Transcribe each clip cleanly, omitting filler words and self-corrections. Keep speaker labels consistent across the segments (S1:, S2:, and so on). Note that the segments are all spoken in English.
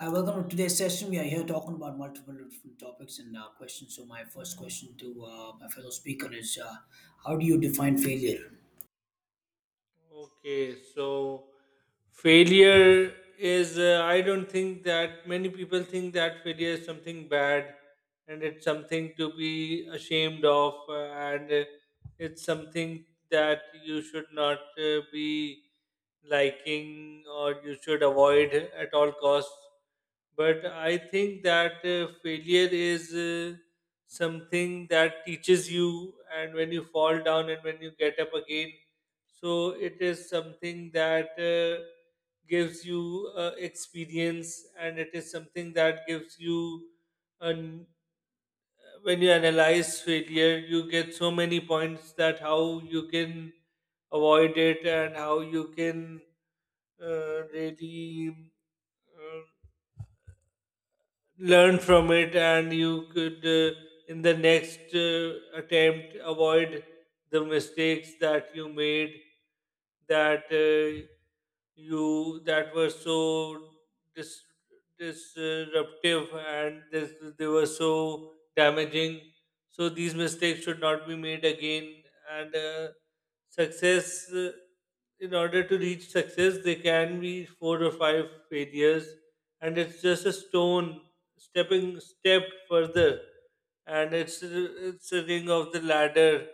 S1: Hi, welcome to today's session. We are here talking about multiple different topics and questions. So, my first question to my fellow speaker is: How do you define failure?
S2: Okay, so failure is, I don't think that many people think that failure is something bad and it's something to be ashamed of, and It's something that you should not be liking or you should avoid at all costs. But I think that failure is something that teaches you, and when you fall down and when you get up again, so it is something that gives you experience, and it is something that gives you. And when you analyze failure, you get so many points that how you can avoid it and how you can really uh, learn from it, and you could in the next attempt avoid the mistakes that you made that you that were so dis- disruptive and they were so damaging. So these mistakes should not be made again. And Success, in order to reach success, there can be four or five failures, and it's just a stone stepping step further, and it's a ring of the ladder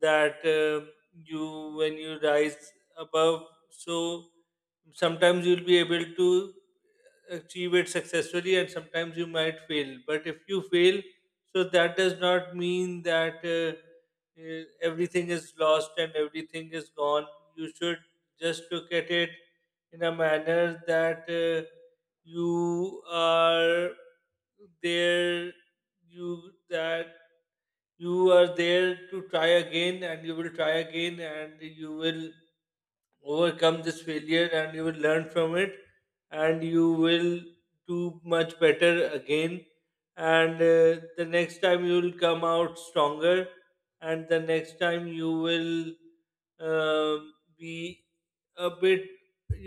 S2: that you when you rise above. So sometimes you'll be able to achieve it successfully, and sometimes you might fail. But if you fail, so that does not mean that everything is lost and everything is gone. You should just look at it in a manner that you are there, you that you are there to try again, and you will try again, and you will overcome this failure and you will learn from it, and you will do much better again, and the next time you will come out stronger, and the next time you will be a bit,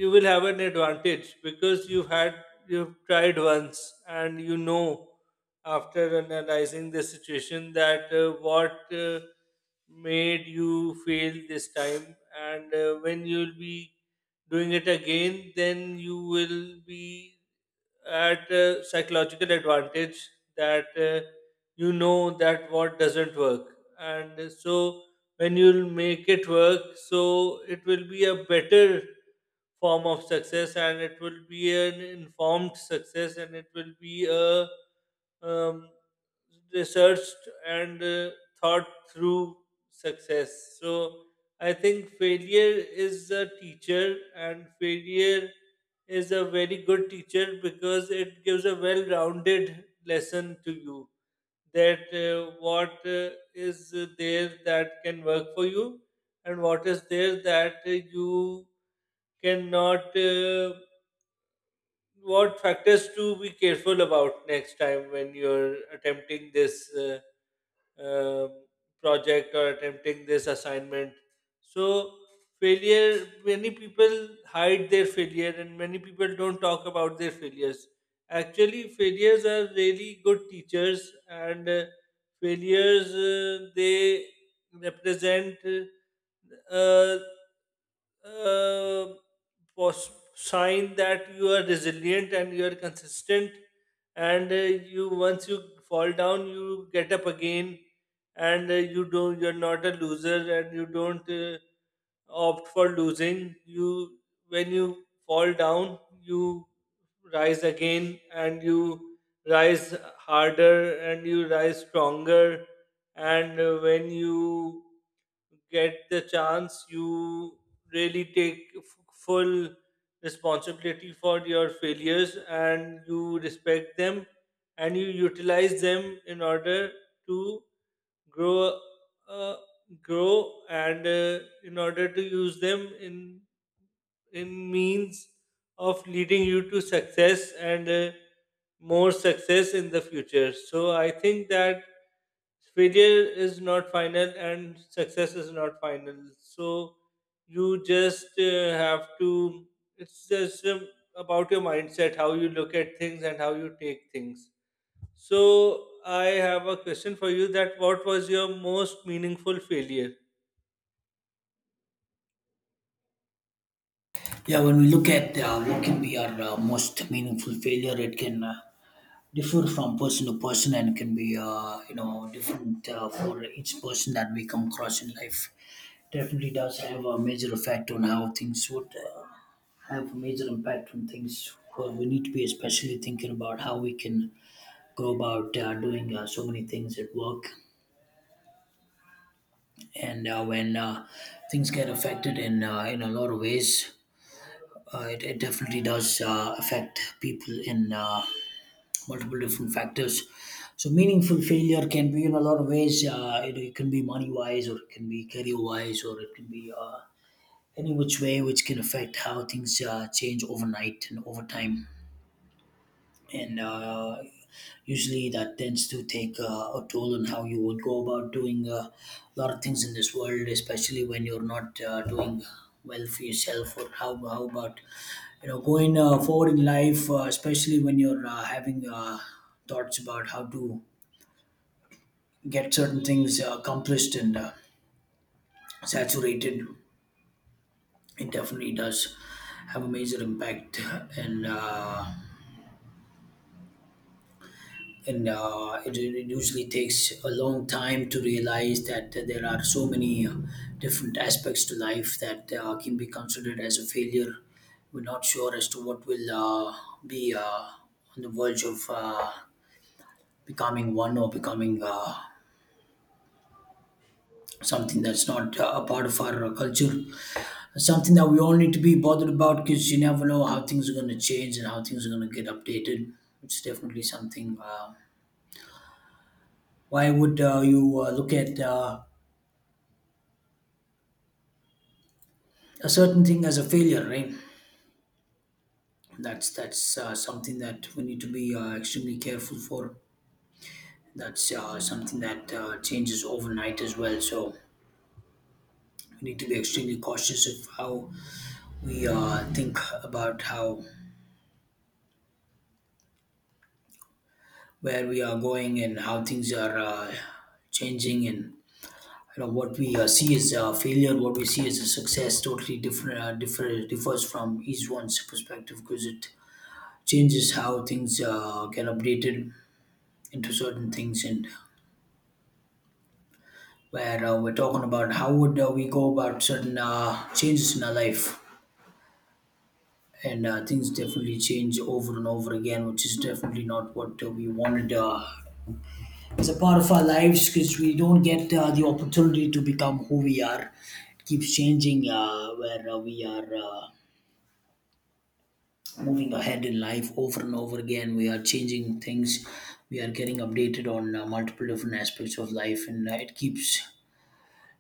S2: you will have an advantage because you've tried once, and after analyzing the situation that what made you fail this time. And when you'll be doing it again, then you will be at a psychological advantage, that you know that what doesn't work. And so when you'll make it work, so it will be a better form of success, and it will be an informed success, and it will be a um, researched and thought through success. So I think failure is a teacher, and failure is a very good teacher because it gives a well-rounded lesson to you, that what is there that can work for you, and what is there that you cannot, what factors to be careful about next time when you're attempting this um project or attempting this assignment. So failure, many people hide their failure and many people don't talk about their failures. Actually, failures are really good teachers, and failures, they represent uh, uh, sign that you are resilient and you are consistent. And you once you fall down, you get up again. And you're not a loser, and you don't opt for losing. You, when you fall down, you rise again, and you rise harder, and you rise stronger. And when you get the chance, you really take full responsibility for your failures, and you respect them, and you utilize them in order to grow, uh, grow and in order to use them in means of leading you to success, and more success in the future. So I think that failure is not final and success is not final. So you just have to, it's just about your mindset, how you look at things and how you take things. So I have a question for you: that what was your most meaningful failure?
S1: Yeah, when we look at what can be our most meaningful failure, it can differ from person to person and can be you know different for each person that we come across in life. Definitely does have a major effect on how things would have a major impact on things. Well, we need to be especially thinking about how we can go about doing so many things at work and when things get affected in in a lot of ways it definitely does affect people in multiple different factors. So meaningful failure can be in a lot of ways, it can be money wise, or it can be career wise, or it can be any which way, which can affect how things change overnight and over time. And usually that tends to take a toll on how you would go about doing a lot of things in this world, especially when you're not doing well for yourself, or how about you know going forward in life, especially when you're having thoughts about how to get certain things accomplished and saturated. It definitely does have a major impact. And uh, and uh, it, it usually takes a long time to realize that there are so many different aspects to life that can be considered as a failure. We're not sure as to what will be on the verge of becoming one, or becoming something that's not a part of our culture. Something that we all need to be bothered about, because you never know how things are going to change and how things are going to get updated. It's definitely something. Why would you look at a certain thing as a failure, right? That's that's something that we need to be extremely careful for. That's something that changes overnight as well. So we need to be extremely cautious of how we think about how where we are going and how things are changing, and you know what we see as a failure, what we see as a success, totally different differs from each one's perspective, because it changes how things get updated into certain things. And where we're talking about how would we go about certain changes in our life, and things definitely change over and over again, which is definitely not what we wanted as a part of our lives, because we don't get the opportunity to become who we are. It keeps changing. Uh, where uh, we are uh, moving ahead in life. Over and over again we are changing things, we are getting updated on multiple different aspects of life, and it keeps.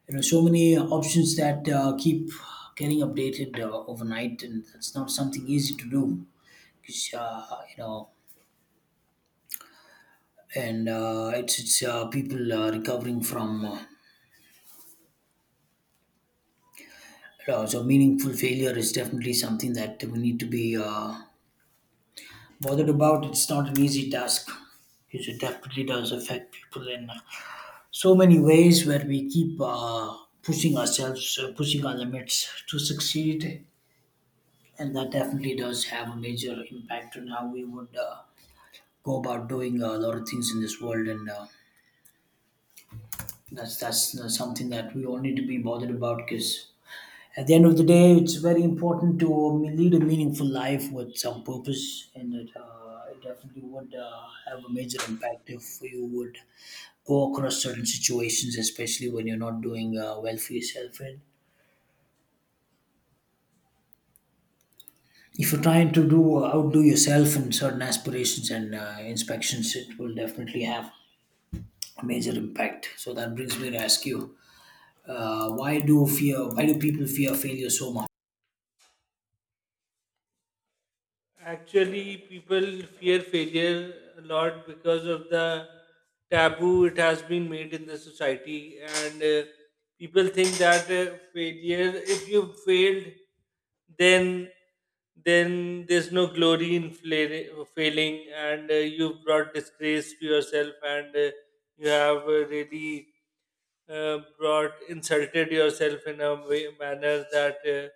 S1: There are so many options that keep getting updated overnight, and that's not something easy to do. 'Cause, you know, and it's people recovering from, you know, so meaningful failure is definitely something that we need to be bothered about. It's not an easy task, because it definitely does affect people in so many ways, where we keep pushing ourselves, pushing our limits to succeed. And that definitely does have a major impact on how we would go about doing a lot of things in this world. And uh, that's that's uh, something that we all need to be bothered about, because at the end of the day it's very important to lead a meaningful life with some purpose. And it, it definitely would have a major impact if you would go across certain situations, especially when you're not doing well for yourself, and if you're trying to do outdo yourself in certain aspirations and inspections. It will definitely have major impact. So that brings me to ask you, Why do people fear failure so much?
S2: Actually, people fear failure a lot because of the taboo it has been made in the society. And people think that failure, if you failed, then then there's no glory in failing, and you've brought disgrace to yourself, and you have really brought insulted yourself in a way, manner, that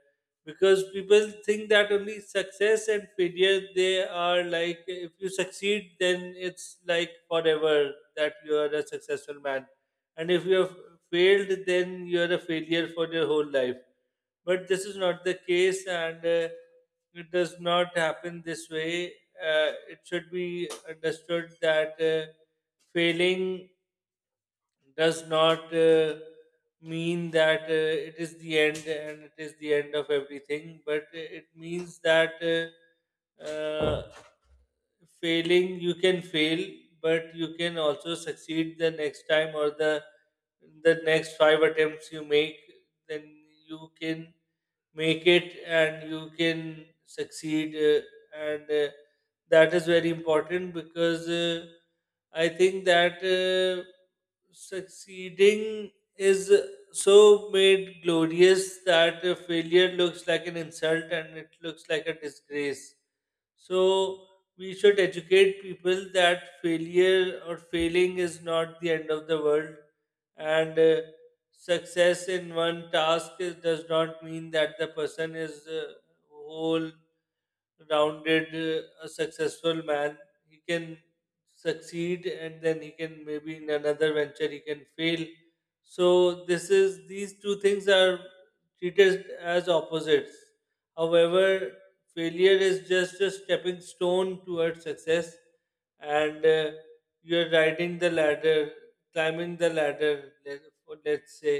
S2: because people think that only success and failure, they are like, if you succeed, then it's like forever that you are a successful man, and if you have failed, then you are a failure for your whole life. But this is not the case, and it does not happen this way. It should be understood that failing does not mean that it is the end and it is the end of everything, but it means that failing, you can fail, but you can also succeed the next time, or the next five attempts you make, then you can make it and you can succeed, and that is very important. Because I think that succeeding is so made glorious that failure looks like an insult and it looks like a disgrace. So we should educate people that failure or failing is not the end of the world. And success in one task is, does not mean that the person is whole rounded, a successful man. He can succeed, and then he can, maybe in another venture, he can fail. So this is, these two things are treated as opposites. However, failure is just a stepping stone towards success. And you're riding the ladder, climbing the ladder, let's say.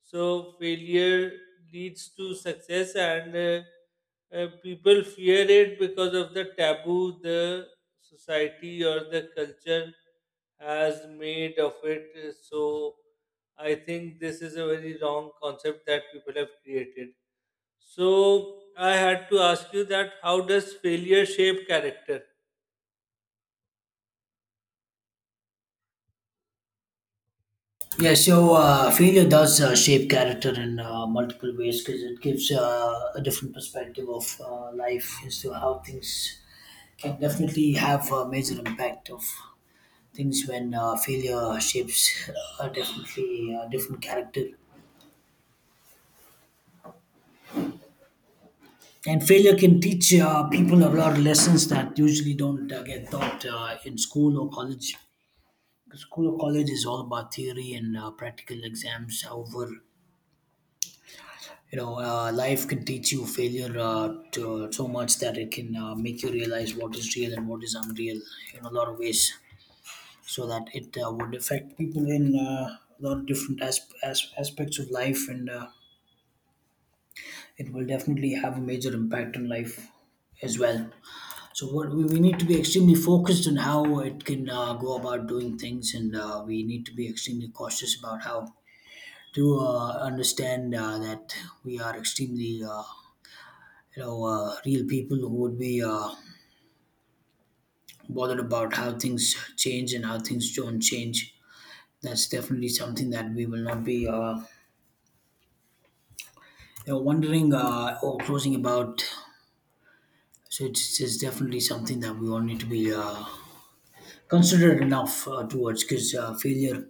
S2: So failure leads to success. And people fear it because of the taboo the society or the culture has made of it. So I think this is a very wrong concept that people have created. So I had to ask you: that how does failure shape character?
S1: Yeah, so failure does shape character in multiple ways, because it gives a different perspective of life as to how things can definitely have a major impact of things, when failure shapes definitely different character. And failure can teach people a lot of lessons that usually don't get taught in school or college. The school or college is all about theory and practical exams. However, you know, life can teach you failure so much that it can make you realize what is real and what is unreal, in a lot of ways. So that it would affect people in a lot of different aspects of life, and it will definitely have a major impact on life as well. So what we need to be extremely focused on how it can go about doing things, and we need to be extremely cautious about how to understand that we are extremely you know real people, who would be bothered about how things change and how things don't change. That's definitely something that we will not be you know, wondering or closing about. So it's definitely something that we all need to be considerate enough towards, because failure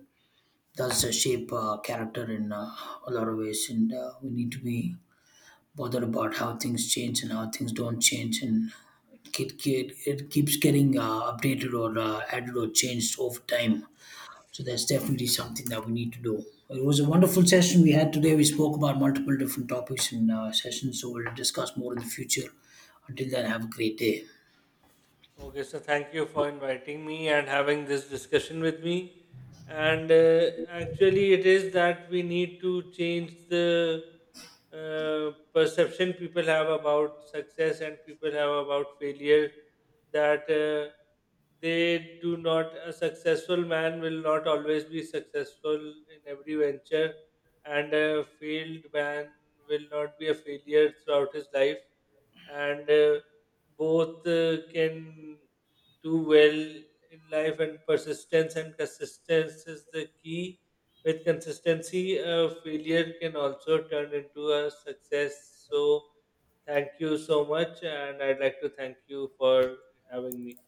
S1: does shape character in a lot of ways. And we need to be bothered about how things change and how things don't change. And it, it keeps getting updated or added or changed over time. So that's definitely something that we need to do. It was a wonderful session we had today. We spoke about multiple different topics in sessions, so we'll discuss more in the future. Until then, have a great day.
S2: Okay, so thank you for inviting me and having this discussion with me. And actually, it is that we need to change the perception people have about success and people have about failure. That they do not, a successful man will not always be successful in every venture, and a failed man will not be a failure throughout his life. And both can do well in life, and persistence and consistency is the key. With consistency, failure can also turn into a success. So thank you so much, and I'd like to thank you for having me.